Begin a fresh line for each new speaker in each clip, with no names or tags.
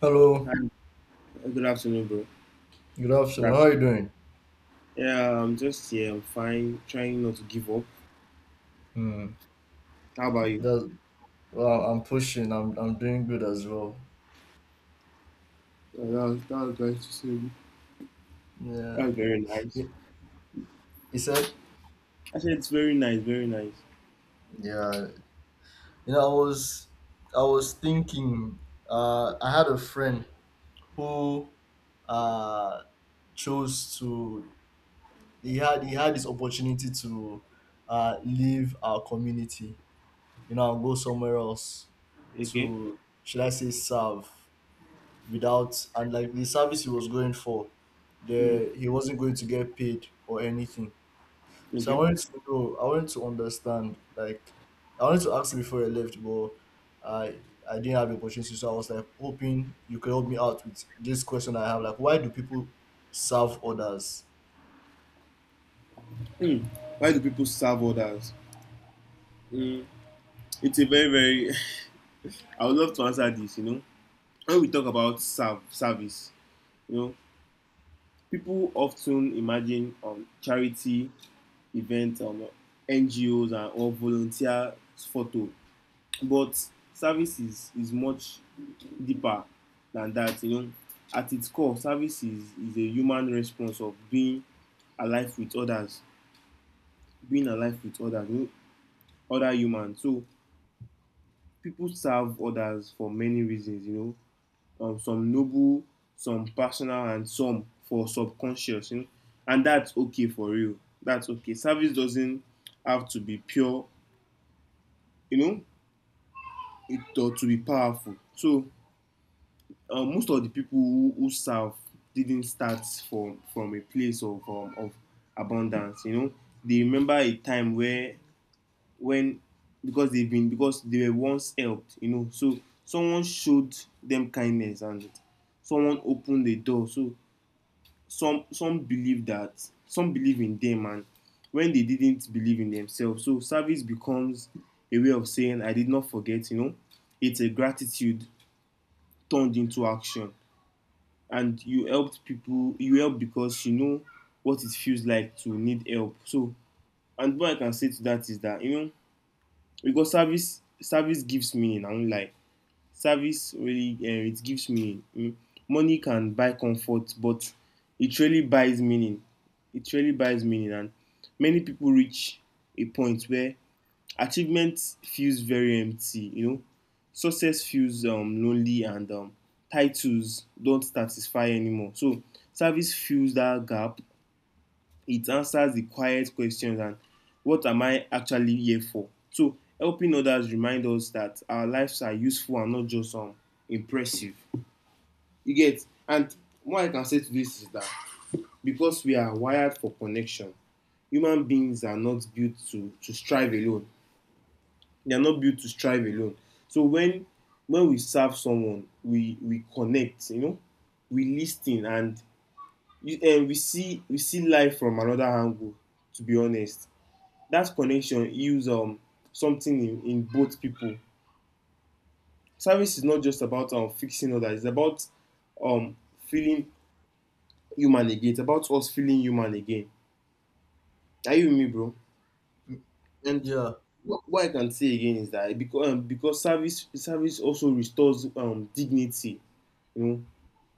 Hello,
Hi, good afternoon, bro.
good
Good
afternoon. How are
afternoon.
you doing?
Yeah, I'm just here. I'm fine. Trying not to give up.
Hmm.
How about you?
That well, I'm pushing. I'm doing good as well.
Oh, that was nice to see. That
Yeah.
was very nice.
He, he said.
I said it's very nice, very nice.
Yeah. You know, I was I was thinking. I had a friend who uh chose to. He had this opportunity to leave our community. And go somewhere else
Okay.
to, should I say, serve without, and like the service he was going for,
Mm,
the he wasn't going to get paid or anything. So I
okay.
wanted to know, I wanted to understand, like, I wanted to ask you before I left, but i I didn't have the opportunity, so I was like hoping you could help me out with this question I have, like, why do people serve others?
Mm. Why do people serve others? Mm, it's a very, very. I would love to answer this. You know, when we talk about serve service, you know, people often imagine charity events, NGOs, and or volunteer photo but service is much deeper than that. At its core, service is a human response of being alive with others, being alive with others, you know, other humans. So people serve others for many reasons, you know, some noble, some personal, and some for subconscious, you know, and that's okay for real. That's okay. Service doesn't have to be pure, you know, it, or to be powerful. So most of the people who serve didn't start from a place of abundance. You know, they remember a time where when, because they've been, because they were once helped. You know, so someone showed them kindness, and someone opened the door. So some believe that, some believe in them and when they didn't believe in themselves. So service becomes a way of saying I did not forget. You know, it's a gratitude turned into action, and you helped people, you help because you know what it feels like to need help. So and what I can say to that is that, you know, because service, service gives meaning. I won't, service really it gives meaning, you know? Money can buy comfort, but it really buys meaning. It really buys meaning. And many people reach a point where achievement feels very empty, you know. Success feels lonely, and titles don't satisfy anymore. So service fills that gap. It answers the quiet questions, and what am I actually here for. So helping others remind us that our lives are useful and not just impressive. You get. And what I can say to this is that because we are wired for connection, human beings are not built to strive alone. They are not built to strive alone. So when we serve someone, we connect, you know, we lis and we see, we see life from another angle, to be honest. That connection heals something in both people. Service is not just about fixing others. It's about feeling human again. It's about us feeling human again. Are you with me, bro?
Mm,
And
yeah.
what I can say again is that because service, service also restores dignity, you know.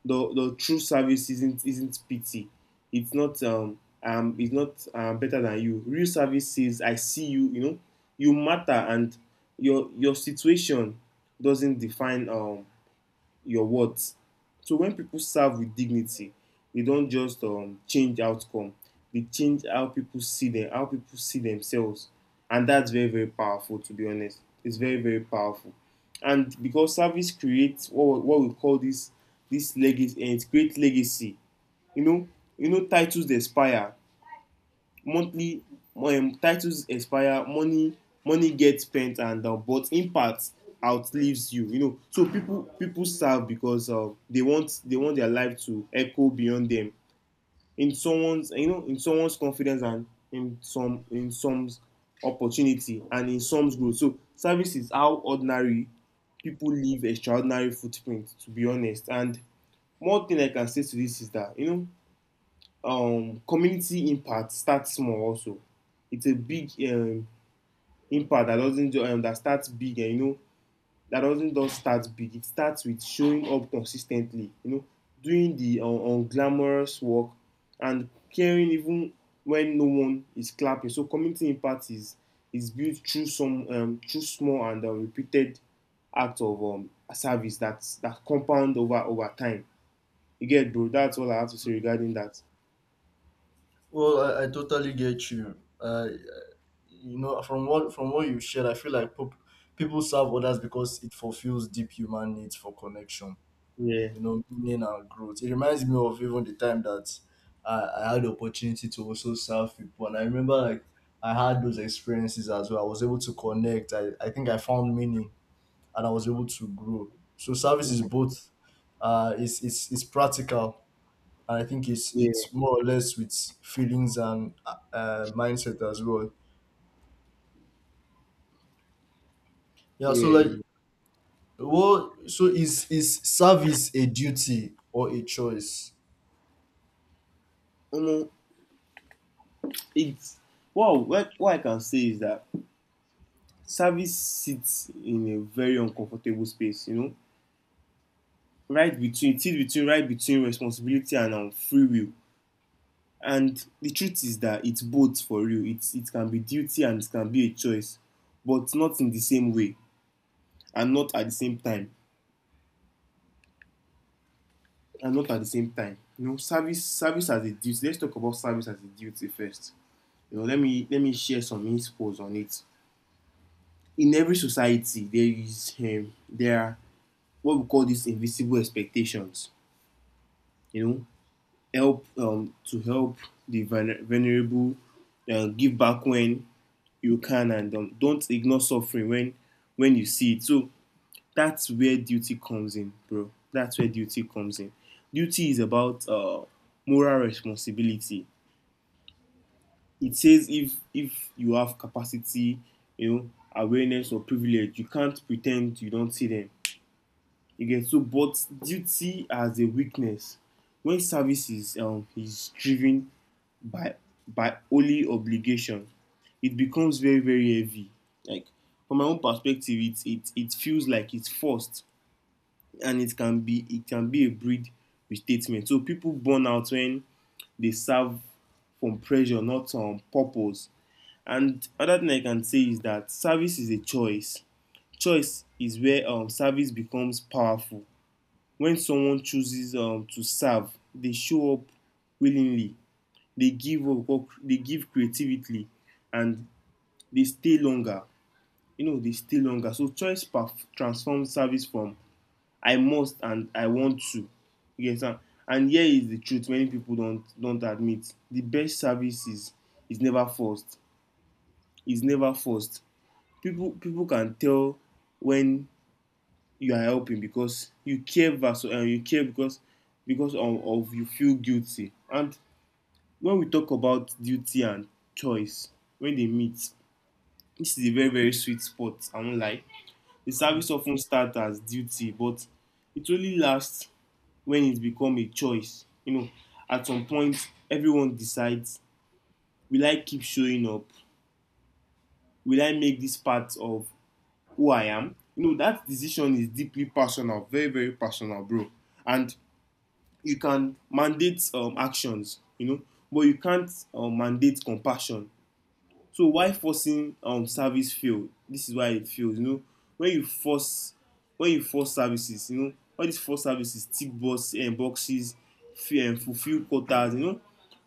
The true service isn't pity. It's not better than you. Real service says I see you. You know, you matter, and your situation doesn't define your words. So when people serve with dignity, they don't just change outcome. They change how people see them, how people see themselves, and that's very, very powerful. To be honest, it's very, very powerful. And because service creates what we call this, this legacy, and it creates legacy. You know, you know, titles they expire, monthly titles expire, money, money gets spent, and but impact outlives you, you know. So people, people serve because they want, they want their life to echo beyond them, in someone's, you know, in someone's confidence, and in some, in some's opportunity, and in some's growth. So service is how ordinary people leave extraordinary footprint, to be honest. And more thing I can say to this is that, you know, community impact starts small also. It's a big impact that doesn't do, that starts big, and you know, that doesn't just start big. It starts with showing up consistently. You know, doing the glamorous work, and caring even when no one is clapping. So community impact is built through some through small and repeated acts of service that that compound over over time. You get, bro. That's all I have to say regarding that.
Well, I totally get you. You know From what you shared, I feel like people serve others because it fulfills deep human needs for connection,
Yeah.
meaning, and growth. It reminds me of even the time that I had the opportunity to also serve people. And I remember, like, I had those experiences as well. I was able to connect. I think I found meaning, and I was able to grow. So service is both, it's it's practical, and I think it's
Yeah.
it's more or less with feelings and, mindset as well. Yeah, so,
Yeah,
like,
you
well, so is service a duty or a choice?
know it's wow. What I can say is that service sits in a very uncomfortable space. You know, right between, sit between, right between responsibility and free will. And the truth is that it's both for you. It's, it can be duty, and it can be a choice, but not in the same way, and not at the same time, and not at the same time. You know, service, service as a duty. Let's talk about service as a duty first. You know, let me share some insights on it. In every society there is there are what we call these invisible expectations, you know, help to help the vulnerable, give back when you can, and don't ignore suffering when you see it. So that's where duty comes in, bro. That's where duty comes in. Duty is about moral responsibility. It says if you have capacity, you know, awareness or privilege, you can't pretend you don't see them. You get. So but duty has a weakness. When service is driven by by only obligation, it becomes very, very heavy. Like, from my own perspective, it it feels like it's forced, and it can be a breed restatement. So people burn out when they serve from pressure, not purpose. And other thing I can say is that service is a choice. Choice is where service becomes powerful. When someone chooses to serve, they show up willingly, they give up, or they give creatively, and they stay longer. You know, they stay longer. So transforms service from I must and I want to. You understand? And here is the truth many people don't admit. The best service is never forced. It's never forced. People, people can tell when you are helping because you care you care because of you feel guilty. And when we talk about duty and choice, when they meet, this is a very, very sweet spot. I won't lie. The service often starts as duty, but it only lasts when it becomes a choice. You know, at some point, everyone decides: Will I keep showing up? Will I make this part of who I am? You know, that decision is deeply personal, very, very personal, bro. And you can mandate actions, you know, but you can't mandate compassion. So why forcing service fail? This is why it fails. You know, when you force when you force services, you know, all these force services tick box boxes, fulfill quotas, you know,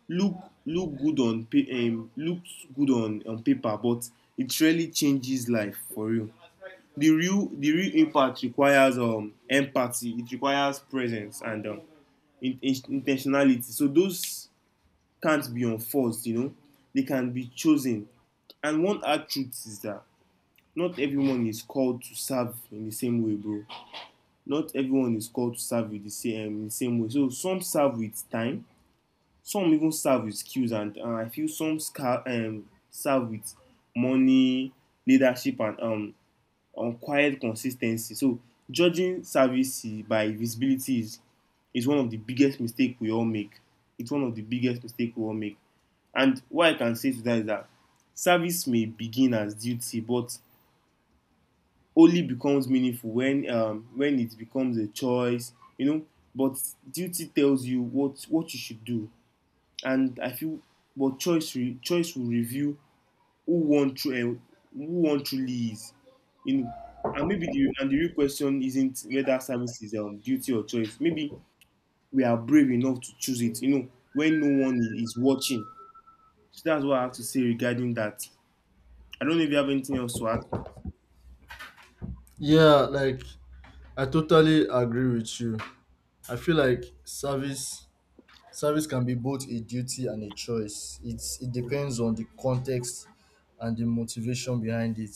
look looks good on paper, but it really changes life for real. The real impact requires empathy. It requires presence and intentionality. So those can't be enforced, you know, they can be chosen. And one hard truth is that not everyone is called to serve in the same way, bro. Not everyone is called to serve with the same in the same way. So some serve with time, some even serve with skills, and I feel some serve with money, leadership, and quiet consistency. So judging service by visibility is one of the biggest mistake we all make. It's one of the biggest mistake we all make. And what I can say to that is that service may begin as duty, but only becomes meaningful when it becomes a choice, you know. But duty tells you what you should do, and I feel but choice will reveal who one true who one truly is, you know. And maybe the and the real question isn't whether service is duty or choice. Maybe we are brave enough to choose it, you know, when no one I- is watching. So that's what I have to say regarding that. I don't know if you have anything else to add.
Yeah, like, I totally agree with you. I feel like service can be both a duty and a choice. It's, it depends on the context and the motivation behind it.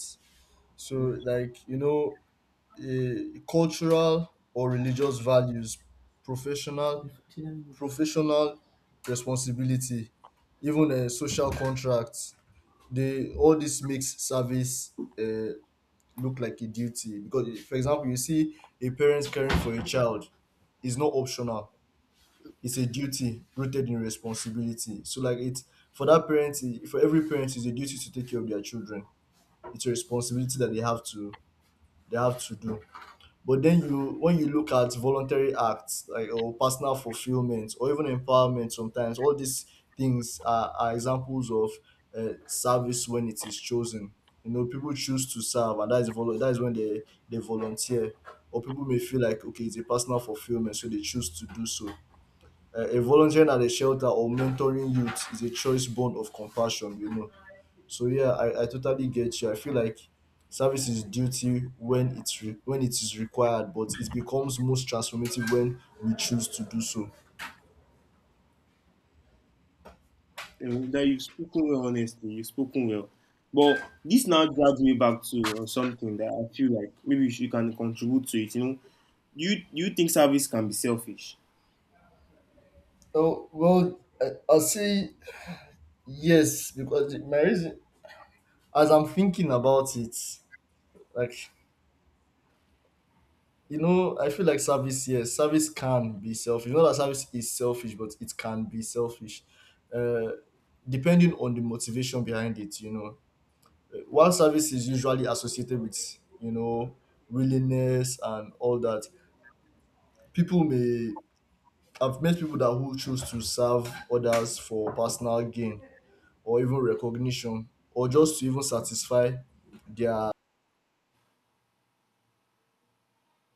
So, like, cultural or religious values, professional professional responsibility, even a social contract, they all, this makes service uh, look like a duty. Because, for example, you see a parent caring for a child is not optional. It's a duty rooted in responsibility. So, like, it's, for that parent, for every parent, it's a duty to take care of their children. It's a responsibility that they have to, they have to do. But then you when you look at voluntary acts, like, or personal fulfillment, or even empowerment, sometimes all these things are examples of service when it is chosen. You know, people choose to serve, and that is that is when they volunteer, or people may feel like, okay, it's a personal fulfillment, so they choose to do so. A volunteering at a shelter or mentoring youth is a choice born of compassion. You know, so yeah, I totally get you. I feel like service is duty when when it is required, but it becomes most transformative when we choose to do so.
That you've spoken well, honestly. You've spoken well. But this now drags me back to something that I feel like maybe you, should, you can contribute to it. You know, you think service can be selfish?
Oh, well, I'll say yes, because my reason, as I'm thinking about it, like, I feel like service, yes, service can be selfish. Not that service is selfish, but it can be selfish, uh, depending on the motivation behind it. While service is usually associated with, you know, willingness and all that, people may. I've met people that who choose to serve others for personal gain, or even recognition, or just to even satisfy their,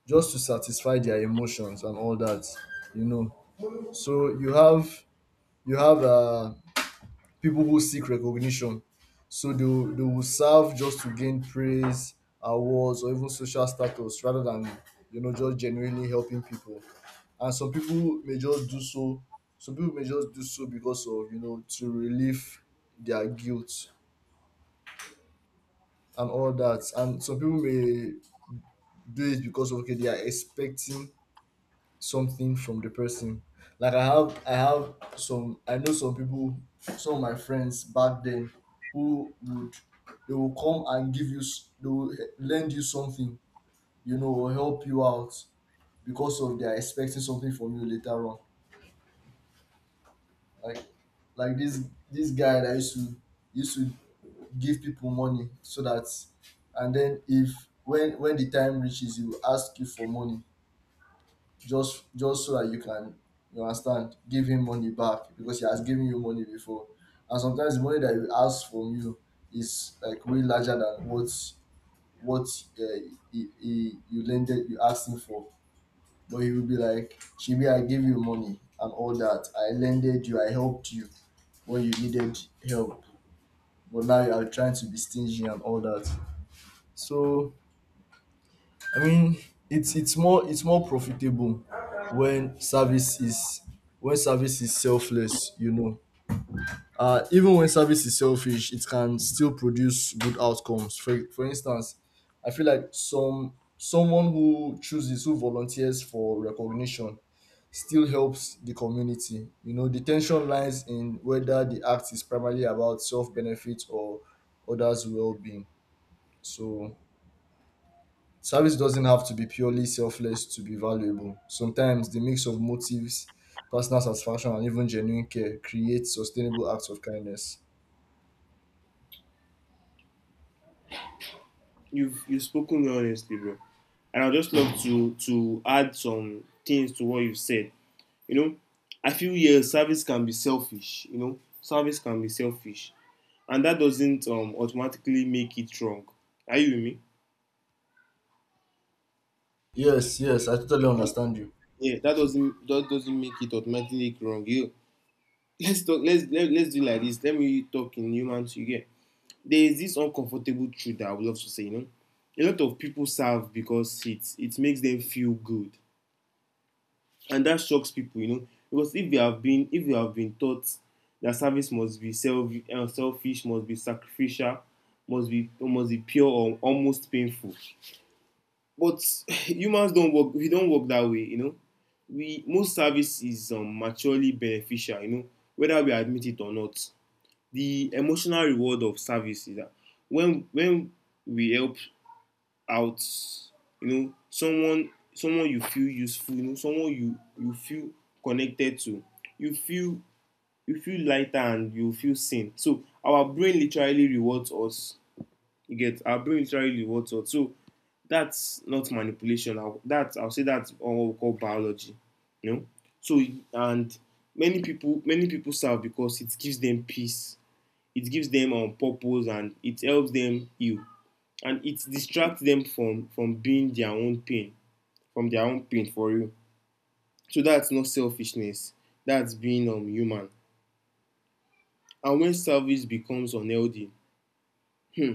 just to satisfy their emotions and all that. You know, so you have, you have uh, people who seek recognition, so they will serve just to gain praise, awards, or even social status rather than, you know, just genuinely helping people. And some people may just do so, because of, you know, to relieve their guilt and all that. And some people may do it because of, okay, they are expecting something from the person. Like, I know some people, some of my friends back then, who would they will come and give you they will lend you something, you know, or help you out because of they are expecting something from you later on. Like like this guy that used to give people money, so that and then if when when the time reaches, he will ask you for money, just, so that you can, you understand, give him money back because he has given you money before. And sometimes the money that he asks from you is like way larger than what, uh, he, you lended you asked him for. But he will be like, chibi, I gave you money and all that, I lended you, I helped you when you needed help, but now you are trying to be stingy and all that. So, I mean, it's more profitable when service is selfless. You know, even when service is selfish, it can still produce good outcomes. For instance, I feel like someone who chooses, who volunteers for recognition still helps the community. You know, the tension lies in whether the act is primarily about self benefit or others' well being. So service doesn't have to be purely selfless to be valuable. Sometimes the mix of motives, personal satisfaction, and even genuine care creates sustainable acts of kindness.
You've spoken well, honestly, bro. And I'd just love to add some things to what you've said. You know, I feel yes, service can be selfish. You know, service can be selfish. And that doesn't automatically make it wrong. Are you with me?
Yes, yes, I totally understand you.
Yeah, that doesn't make it automatically wrong. You let's talk. Let's let's do like this. Let me talk in humans. You get there is this uncomfortable truth that I would love to say. You know, a lot of people serve because it makes them feel good, and that shocks people. You know, because if you have been taught that service must be selfish, must be sacrificial, must be pure or almost painful. But humans don't work. We don't work that way, you know. We most service is maturely beneficial, you know, whether we admit it or not. The emotional reward of service is that when we help out, you know, someone you feel useful, you know, someone you feel connected to, you feel you feel lighter and you feel seen. So our brain literally rewards us. You get our brain literally rewards us. So that's not manipulation. I'll say that's what we call biology. You know, so and many people serve because it gives them peace, it gives them purpose, and it helps them heal, and it distracts them from being their own pain, from their own pain for you. So that's not selfishness. That's being human. And when service becomes unhealthy, hmm,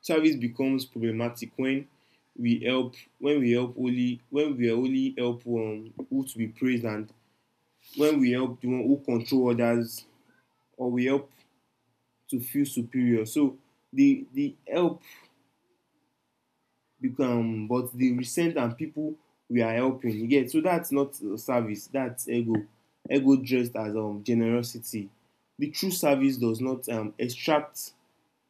service becomes problematic when we help only when we only help who to be praised and when we help the one who control others or we help to feel superior. So the help become but the resent and people we are helping you get so that's not service that's ego ego dressed as generosity. The true service does not extract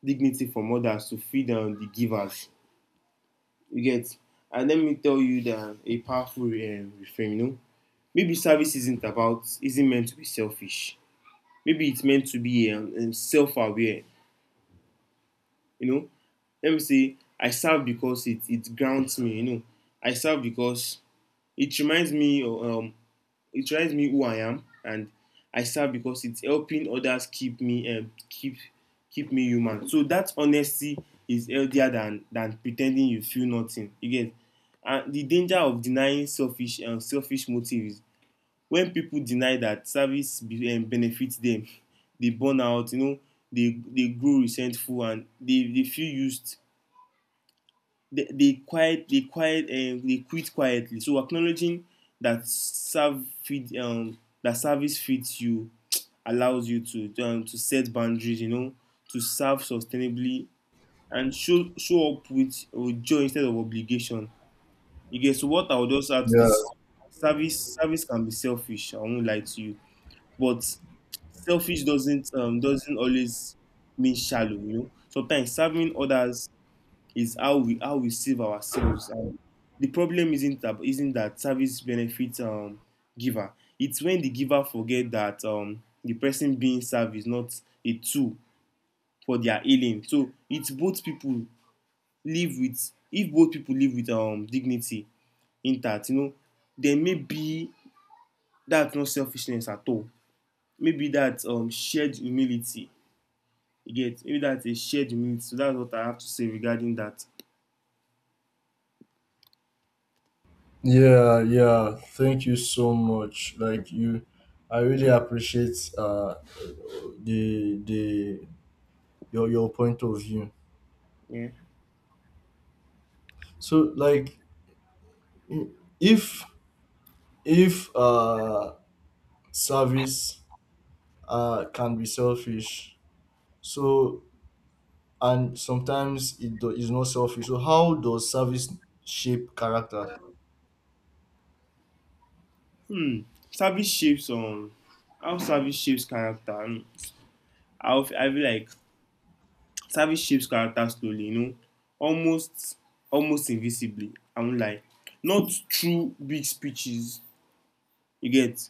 dignity from others to feed the givers. You get? And let me tell you that a powerful refrain, you know, maybe service isn't meant to be selfish. Maybe it's meant to be self-aware, you know. Let me say, I serve because it grounds me, you know. I serve because it reminds me it reminds me who I am, and I serve because it's helping others keep me keep me human. So that honesty is healthier than pretending you feel nothing. You get and the danger of denying selfish motive is when people deny that benefits them, they burn out. You know, they grow resentful and they feel used. They quit quietly. So acknowledging that serve feed that service feeds you allows you to set boundaries, you know, to serve sustainably and show up with joy instead of obligation. You get so what I would also add to
Yeah,
this: service can be selfish, I won't lie to you, but selfish doesn't always mean shallow. You know, sometimes serving others is how we save ourselves. And the problem isn't that service benefits giver. It's when the giver forget that the person being served is not a tool for their healing. So it's both people live with if both people live with dignity intact, you know, then maybe that's not selfishness at all. Maybe that's shared humility. You get maybe that's a shared humility. So that's what I have to say regarding that.
yeah, yeah. Thank you so much. Like you, I really appreciate the your point of view.
Yeah.
So, like, if if service can be selfish, so, and sometimes it is not selfish. So how does service shape character?
Hmm. Service shapes how service shapes character. I feel like service shapes character slowly, you know, almost almost invisibly. I won't lie. Not through big speeches, you get.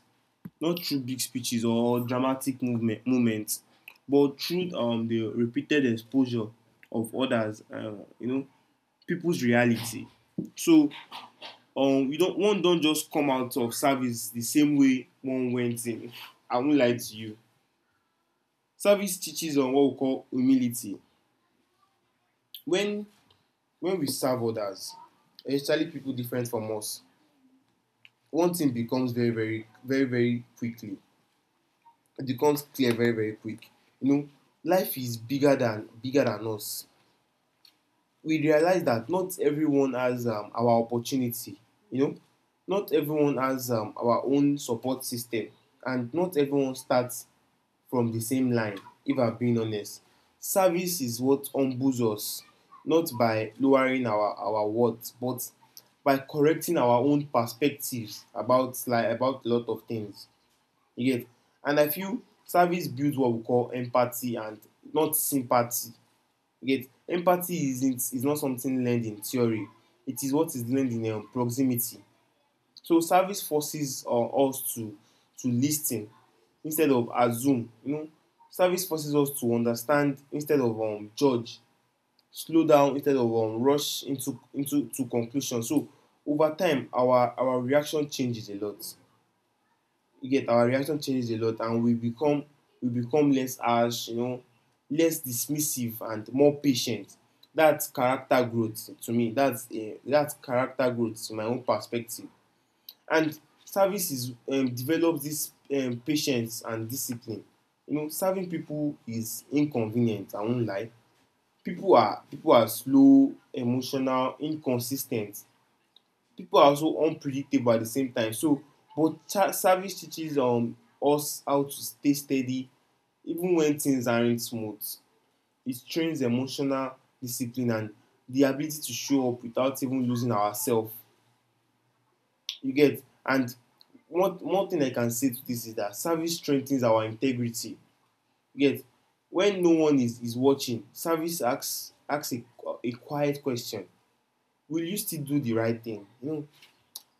Not through big speeches or dramatic movement moments, but through the repeated exposure of others. You know, people's reality. So you don't one don't just come out of service the same way one went in. I won't lie to you. Service teaches on what we call humility. When when we serve others, especially people different from us, one thing becomes very, very quickly. It becomes clear very, very quick. You know, life is bigger than us. We realize that not everyone has our opportunity. You know, not everyone has our own support system, and not everyone starts from the same line. If I'm being honest, service is what humbles us, not by lowering our worth, but by correcting our own perspectives about about a lot of things. You get. And I feel service builds what we call empathy and not sympathy. You get empathy isn't is not something learned in theory; it is what is learned in proximity. So service forces us to lis ten instead of assume. You know, service forces us to understand instead of judge, slow down instead of rush into to conclusion. So over time our reaction changes a lot. You get our reaction changes a lot, and we become less harsh, you know, less dismissive, and more patient. That's character growth to me. That's character growth to my own perspective. And services develops this patience and discipline. You know, serving people is inconvenient, I won't lie. People are slow, emotional, inconsistent. People are also unpredictable at the same time. So service teaches us how to stay steady even when things aren't smooth. It trains emotional discipline and the ability to show up without even losing ourselves. You get? And one thing I can say to this is that service strengthens our integrity. You get? When no one is watching, service asks a quiet question. Will you still do the right thing? You know,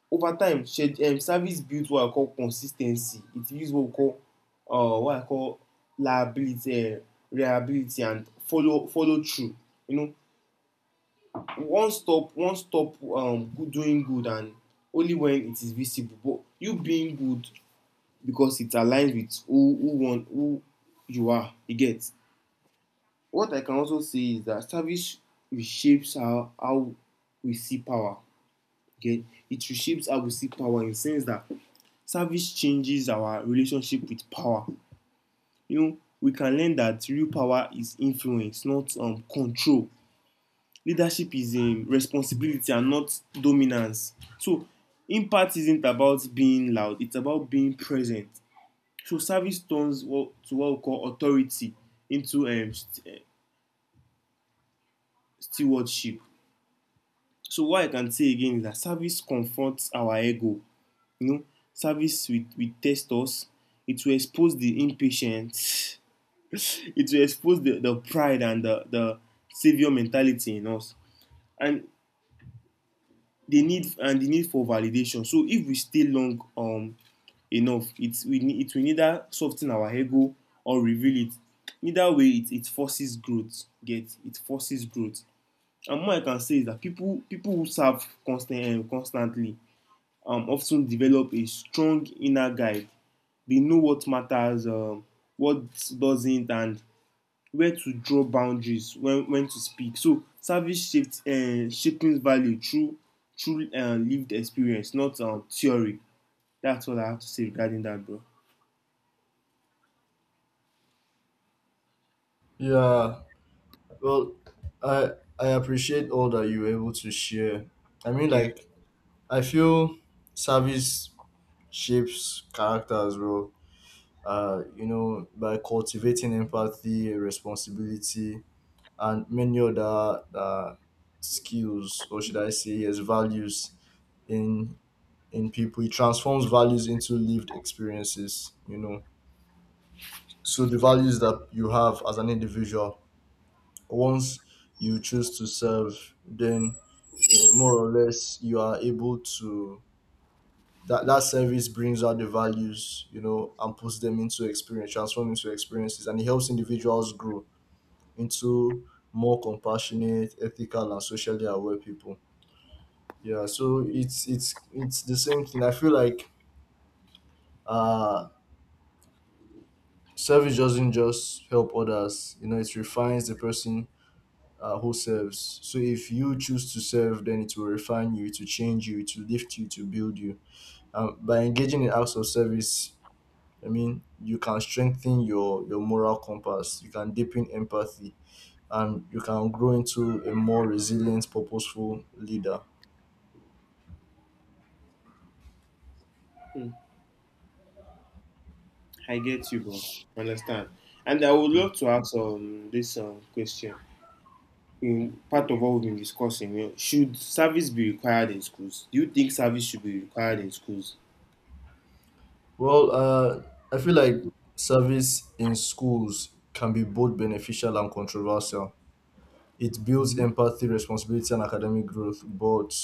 over time, service builds what I call consistency. It builds what we call, what I call liability, reliability, and follow through. You know, doing good, and only when it is visible. But you being good because it aligns with who you are. You get. What I can also say is that service reshapes how we see power. You it reshapes how we see power in the sense that service changes our relationship with power. You know, we can learn that real power is influence, not control. Leadership is responsibility and not dominance. So impact isn't about being loud; it's about being present. So service turns to what we call authority into stewardship. So what I can say again is that service confronts our ego. You know, will test us. It will expose the impatience. It will expose the pride and the savior mentality in us, and the need for validation. So if we stay long enough, it will neither soften our ego or reveal it. Neither way, it forces growth. Get it forces growth. And more I can say is that people who serve constantly of ten develop a strong inner guide. They know what matters, what doesn't, and where to draw boundaries, when to speak. So service shaped shaping value through lived experience, not theory. That's all I have to say regarding that, bro.
Yeah, well, I I appreciate all that you were able to share. I mean,
Yeah.
like, I feel service shapes character as well. By cultivating empathy, responsibility, and many other skills, or should I say, yes, values in in people. It transforms values into lived experiences. You know, so the values that you have as an individual, once you choose to serve, then, more or less, you are able to, that service brings out the values, you know, and puts them into experience, transform into experiences, and it helps individuals grow into more compassionate, ethical, and socially aware people. Yeah, so it's the same thing. I feel like, uh service doesn't just help others. You know, it refines the person, who serves. So if you choose to serve, then it will refine you, to change you, to lift you, to build you. By engaging in acts of service, I mean, you can strengthen your moral compass, you can deepen empathy, and you can grow into a more resilient, purposeful leader.
Mm. I get you, bro. Understand. And I would
Mm.
love to ask this question. In part of what we've been discussing, you know, should service be required in schools? Do you think service should be required in schools?
Well, I feel like service in schools can be both beneficial and controversial. It builds
Hmm.
empathy, responsibility, and academic growth, but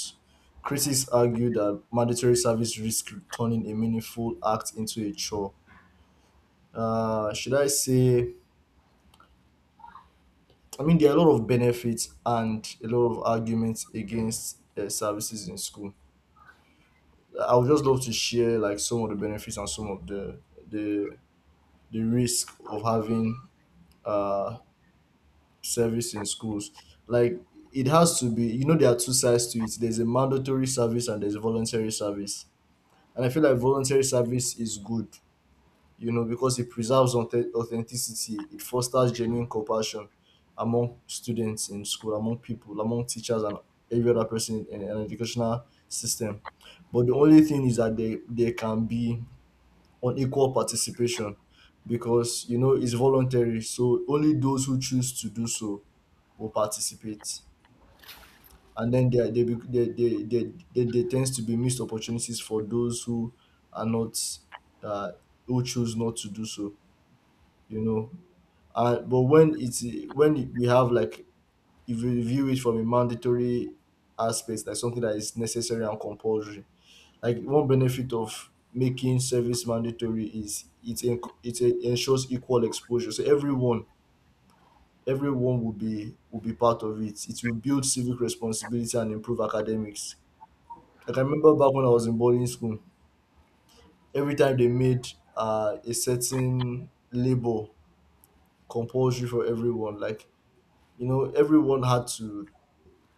critics argue that mandatory service risks turning a meaningful act into a chore. Should I say? I mean, there are a lot of benefits and a lot of arguments against services in school. I would just love to share, like, some of the benefits and some of the the the risk of having uh service in schools. Like, it has to be, you know, there are two sides to it. There's a mandatory service and there's a voluntary service. And I feel like voluntary service is good, you know, because it preserves authenticity, it fosters genuine compassion among students in school, among people, among teachers, and every other person in an educational system. But the only thing is that they can be on equal participation, because, you know, it's voluntary, so only those who choose to do so will participate. And then there they tends to be missed opportunities for those who are not, uh, who choose not to do so. You know, but when we have, like, if we view it from a mandatory aspect, like something that is necessary and compulsory. Like, one benefit of making service mandatory is it ensures equal exposure. So everyone, everyone will be, will be part of it. It will build civic responsibility and improve academics. Like, I remember back when I was in boarding school, every time they made a certain label compulsory for everyone, like, you know, everyone had to,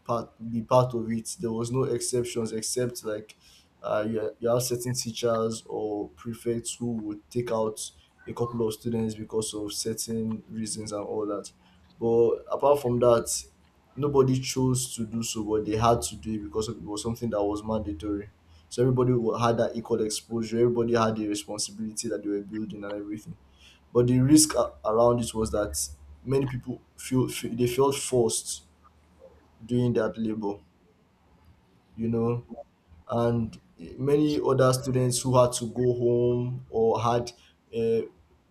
part, be part of it. There was no exceptions except like, you have certain teachers or prefects who would take out a couple of students because of certain reasons and all that. But apart from that, nobody chose to do so, but they had to do it because it was something that was mandatory. So everybody had that equal exposure. Everybody had the responsibility that they were building and everything. But the risk around it was that many people feel, feel they felt forced doing that labor, you know. And many other students who had to go home, or had uh,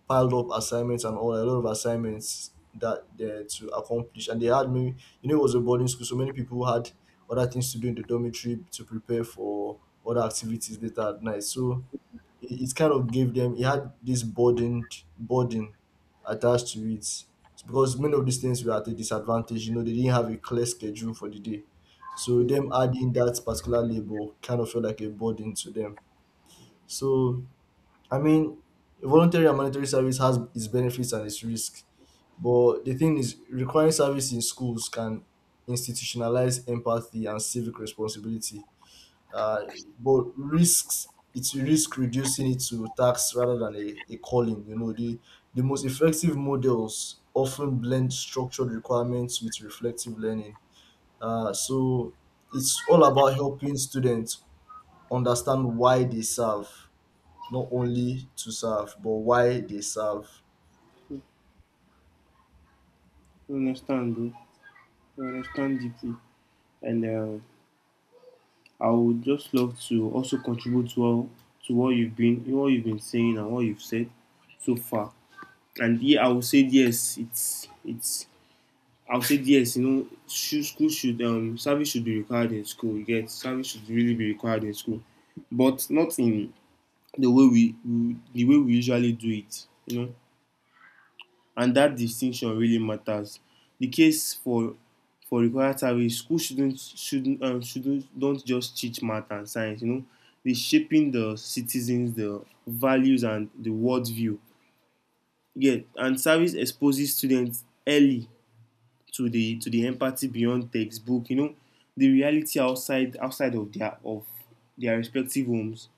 piled up assignments and all, a lot of assignments that they had to accomplish, and they had many. You know, it was a boarding school, so many people had other things to do in the dormitory to prepare for other activities later at night. So it kind of gave them, it had this burden attached to it. It's because many of these things were at a disadvantage, you know, they didn't have a clear schedule for the day. So them adding that particular label kind of felt like a burden to them. So, I mean, voluntary and mandatory service has its benefits and its risk, but the thing is, requiring service in schools can institutionalize empathy and civic responsibility, uh, but risks, it's risk reducing it to tax rather than a calling. You know, the most effective models often blend structured requirements with reflective learning. So it's all about helping students understand why they serve, not only to serve, but why they serve.
I understand, bro. I understand deeply, and I would just love to also contribute to all, to what you've been saying, and what you've said so far. And yeah, I would say yes. It's I would say yes, you know, should, school should service should be required in school. You get service should really be required in school, but not in the way we the way we usually do it. You know, and that distinction really matters. The case for required service, school shouldn't don't just teach math and science. You know, they shaping the citizens, the values, and the world view. Yeah, and service exposes students early to the empathy beyond textbook, you know, the reality outside of their respective homes,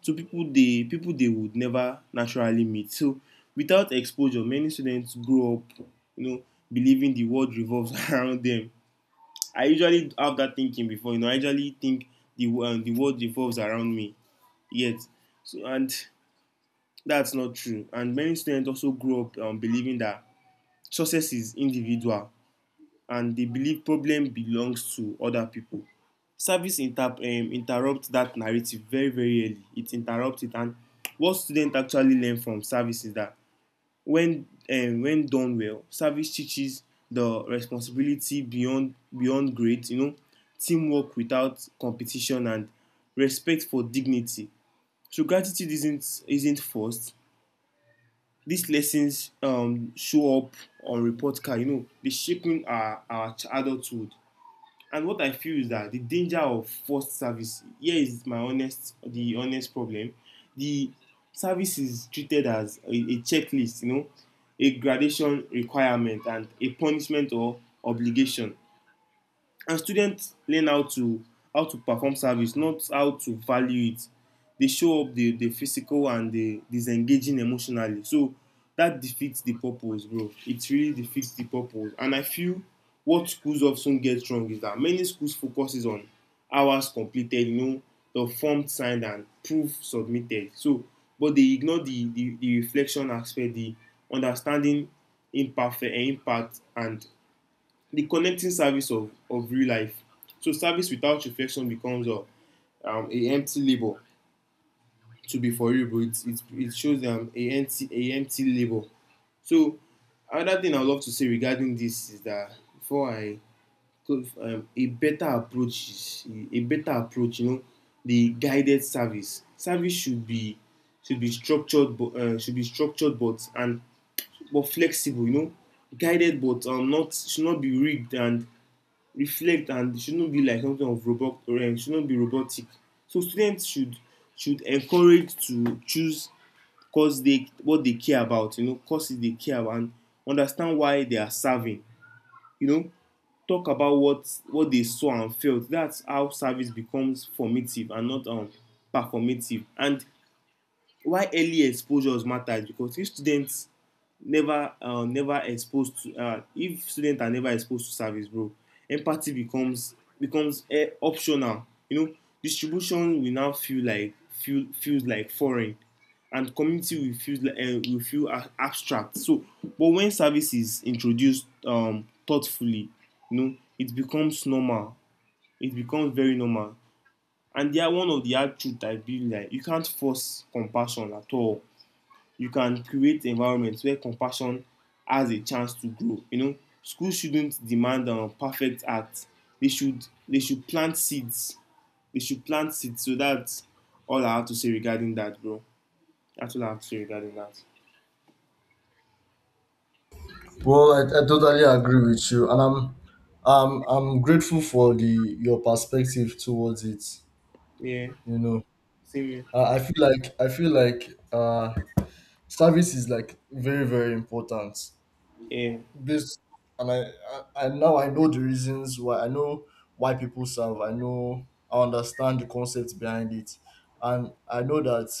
so people they would never naturally meet. So without exposure many students grow up, you know, believing the world revolves around them. I usually have that thinking before, you know, I usually think the world revolves around me yet. So, and that's not true. And many students also grow up believing that success is individual and dey believe problem belongs to other people. Service interrupt that narrative very, very early. It interrupt it. And what student actually learn from service is that when done well service teaches the responsibility beyond grades, you know, teamwork without competition, and respect for dignity. So gratitude isn't forced. These lessons show up on report card. You know dey shaping our adulthood. And what I feel is that the danger of forced service here is the honest problem. The service is treated as a checklist, you know, a gradation requirement and a punishment or obligation, and students learn how to perform service not how to value it. They show up the physical and the disengaging emotionally. So that defeats the purpose, bro. It really defeats the purpose. And I feel what schools often get wrong is that many schools focuses on hours completed, you know, the form signed and proof submitted. So but they ignore the the reflection aspect, the understanding impact, and the connecting service of real life. So service without reflection becomes a empty label. To be for real, bro, it shows them a empty label. So another thing I love to say regarding this is that before I a better approach is a better approach, you know, the guided service. Service should be structured, but should be structured, but and but flexible, you know, guided, but not should not be rigged and reflect. And it shouldn't be like something of robot, or shouldn't be robotic. So students should encourage to choose course they what they care about you know courses they care about and understand why they are serving, you know, talk about what they saw and felt. That's how service becomes formative and not performative. And why early exposures matter is because if students never never exposed to if students are never exposed to service, bro, empathy becomes optional, you know. Distribution will now feel like feel feels like foreign, and community will feel like will feel abstract. So but when service is introduced thoughtfully, you know, it becomes normal. It becomes very normal. And they are one of the hard truth I believe, like, you can't force compassion at all. You can create environments where compassion has a chance to grow. You know, schools shouldn't demand perfect acts. They should plant seeds. They should plant seeds. So that's all I have to say regarding that, bro. That's all I have to say regarding that.
Well, I totally agree with you, and I'm grateful for the your perspective towards it.
Yeah,
You know.
same here.
I feel like service is like very, very important,
Yeah,
this, and I and now I know the reasons why. I know why people serve. I know, I understand the concepts behind it. And I know that,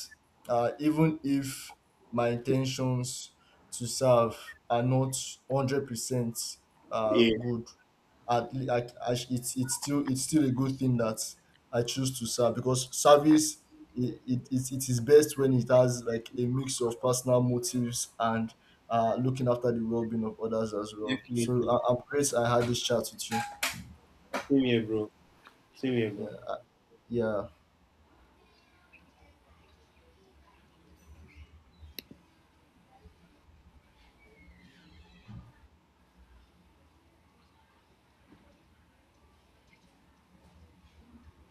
even if my intentions to serve are not 100%
yeah,
good. At le- I, it's still a good thing that I choose to serve because service. It is best when it has like a mix of personal motives and looking after the well-being of others as well. So,
definitely.
I'm great I had this chat with you.
Same here, bro. Same here, bro.
Yeah, yeah.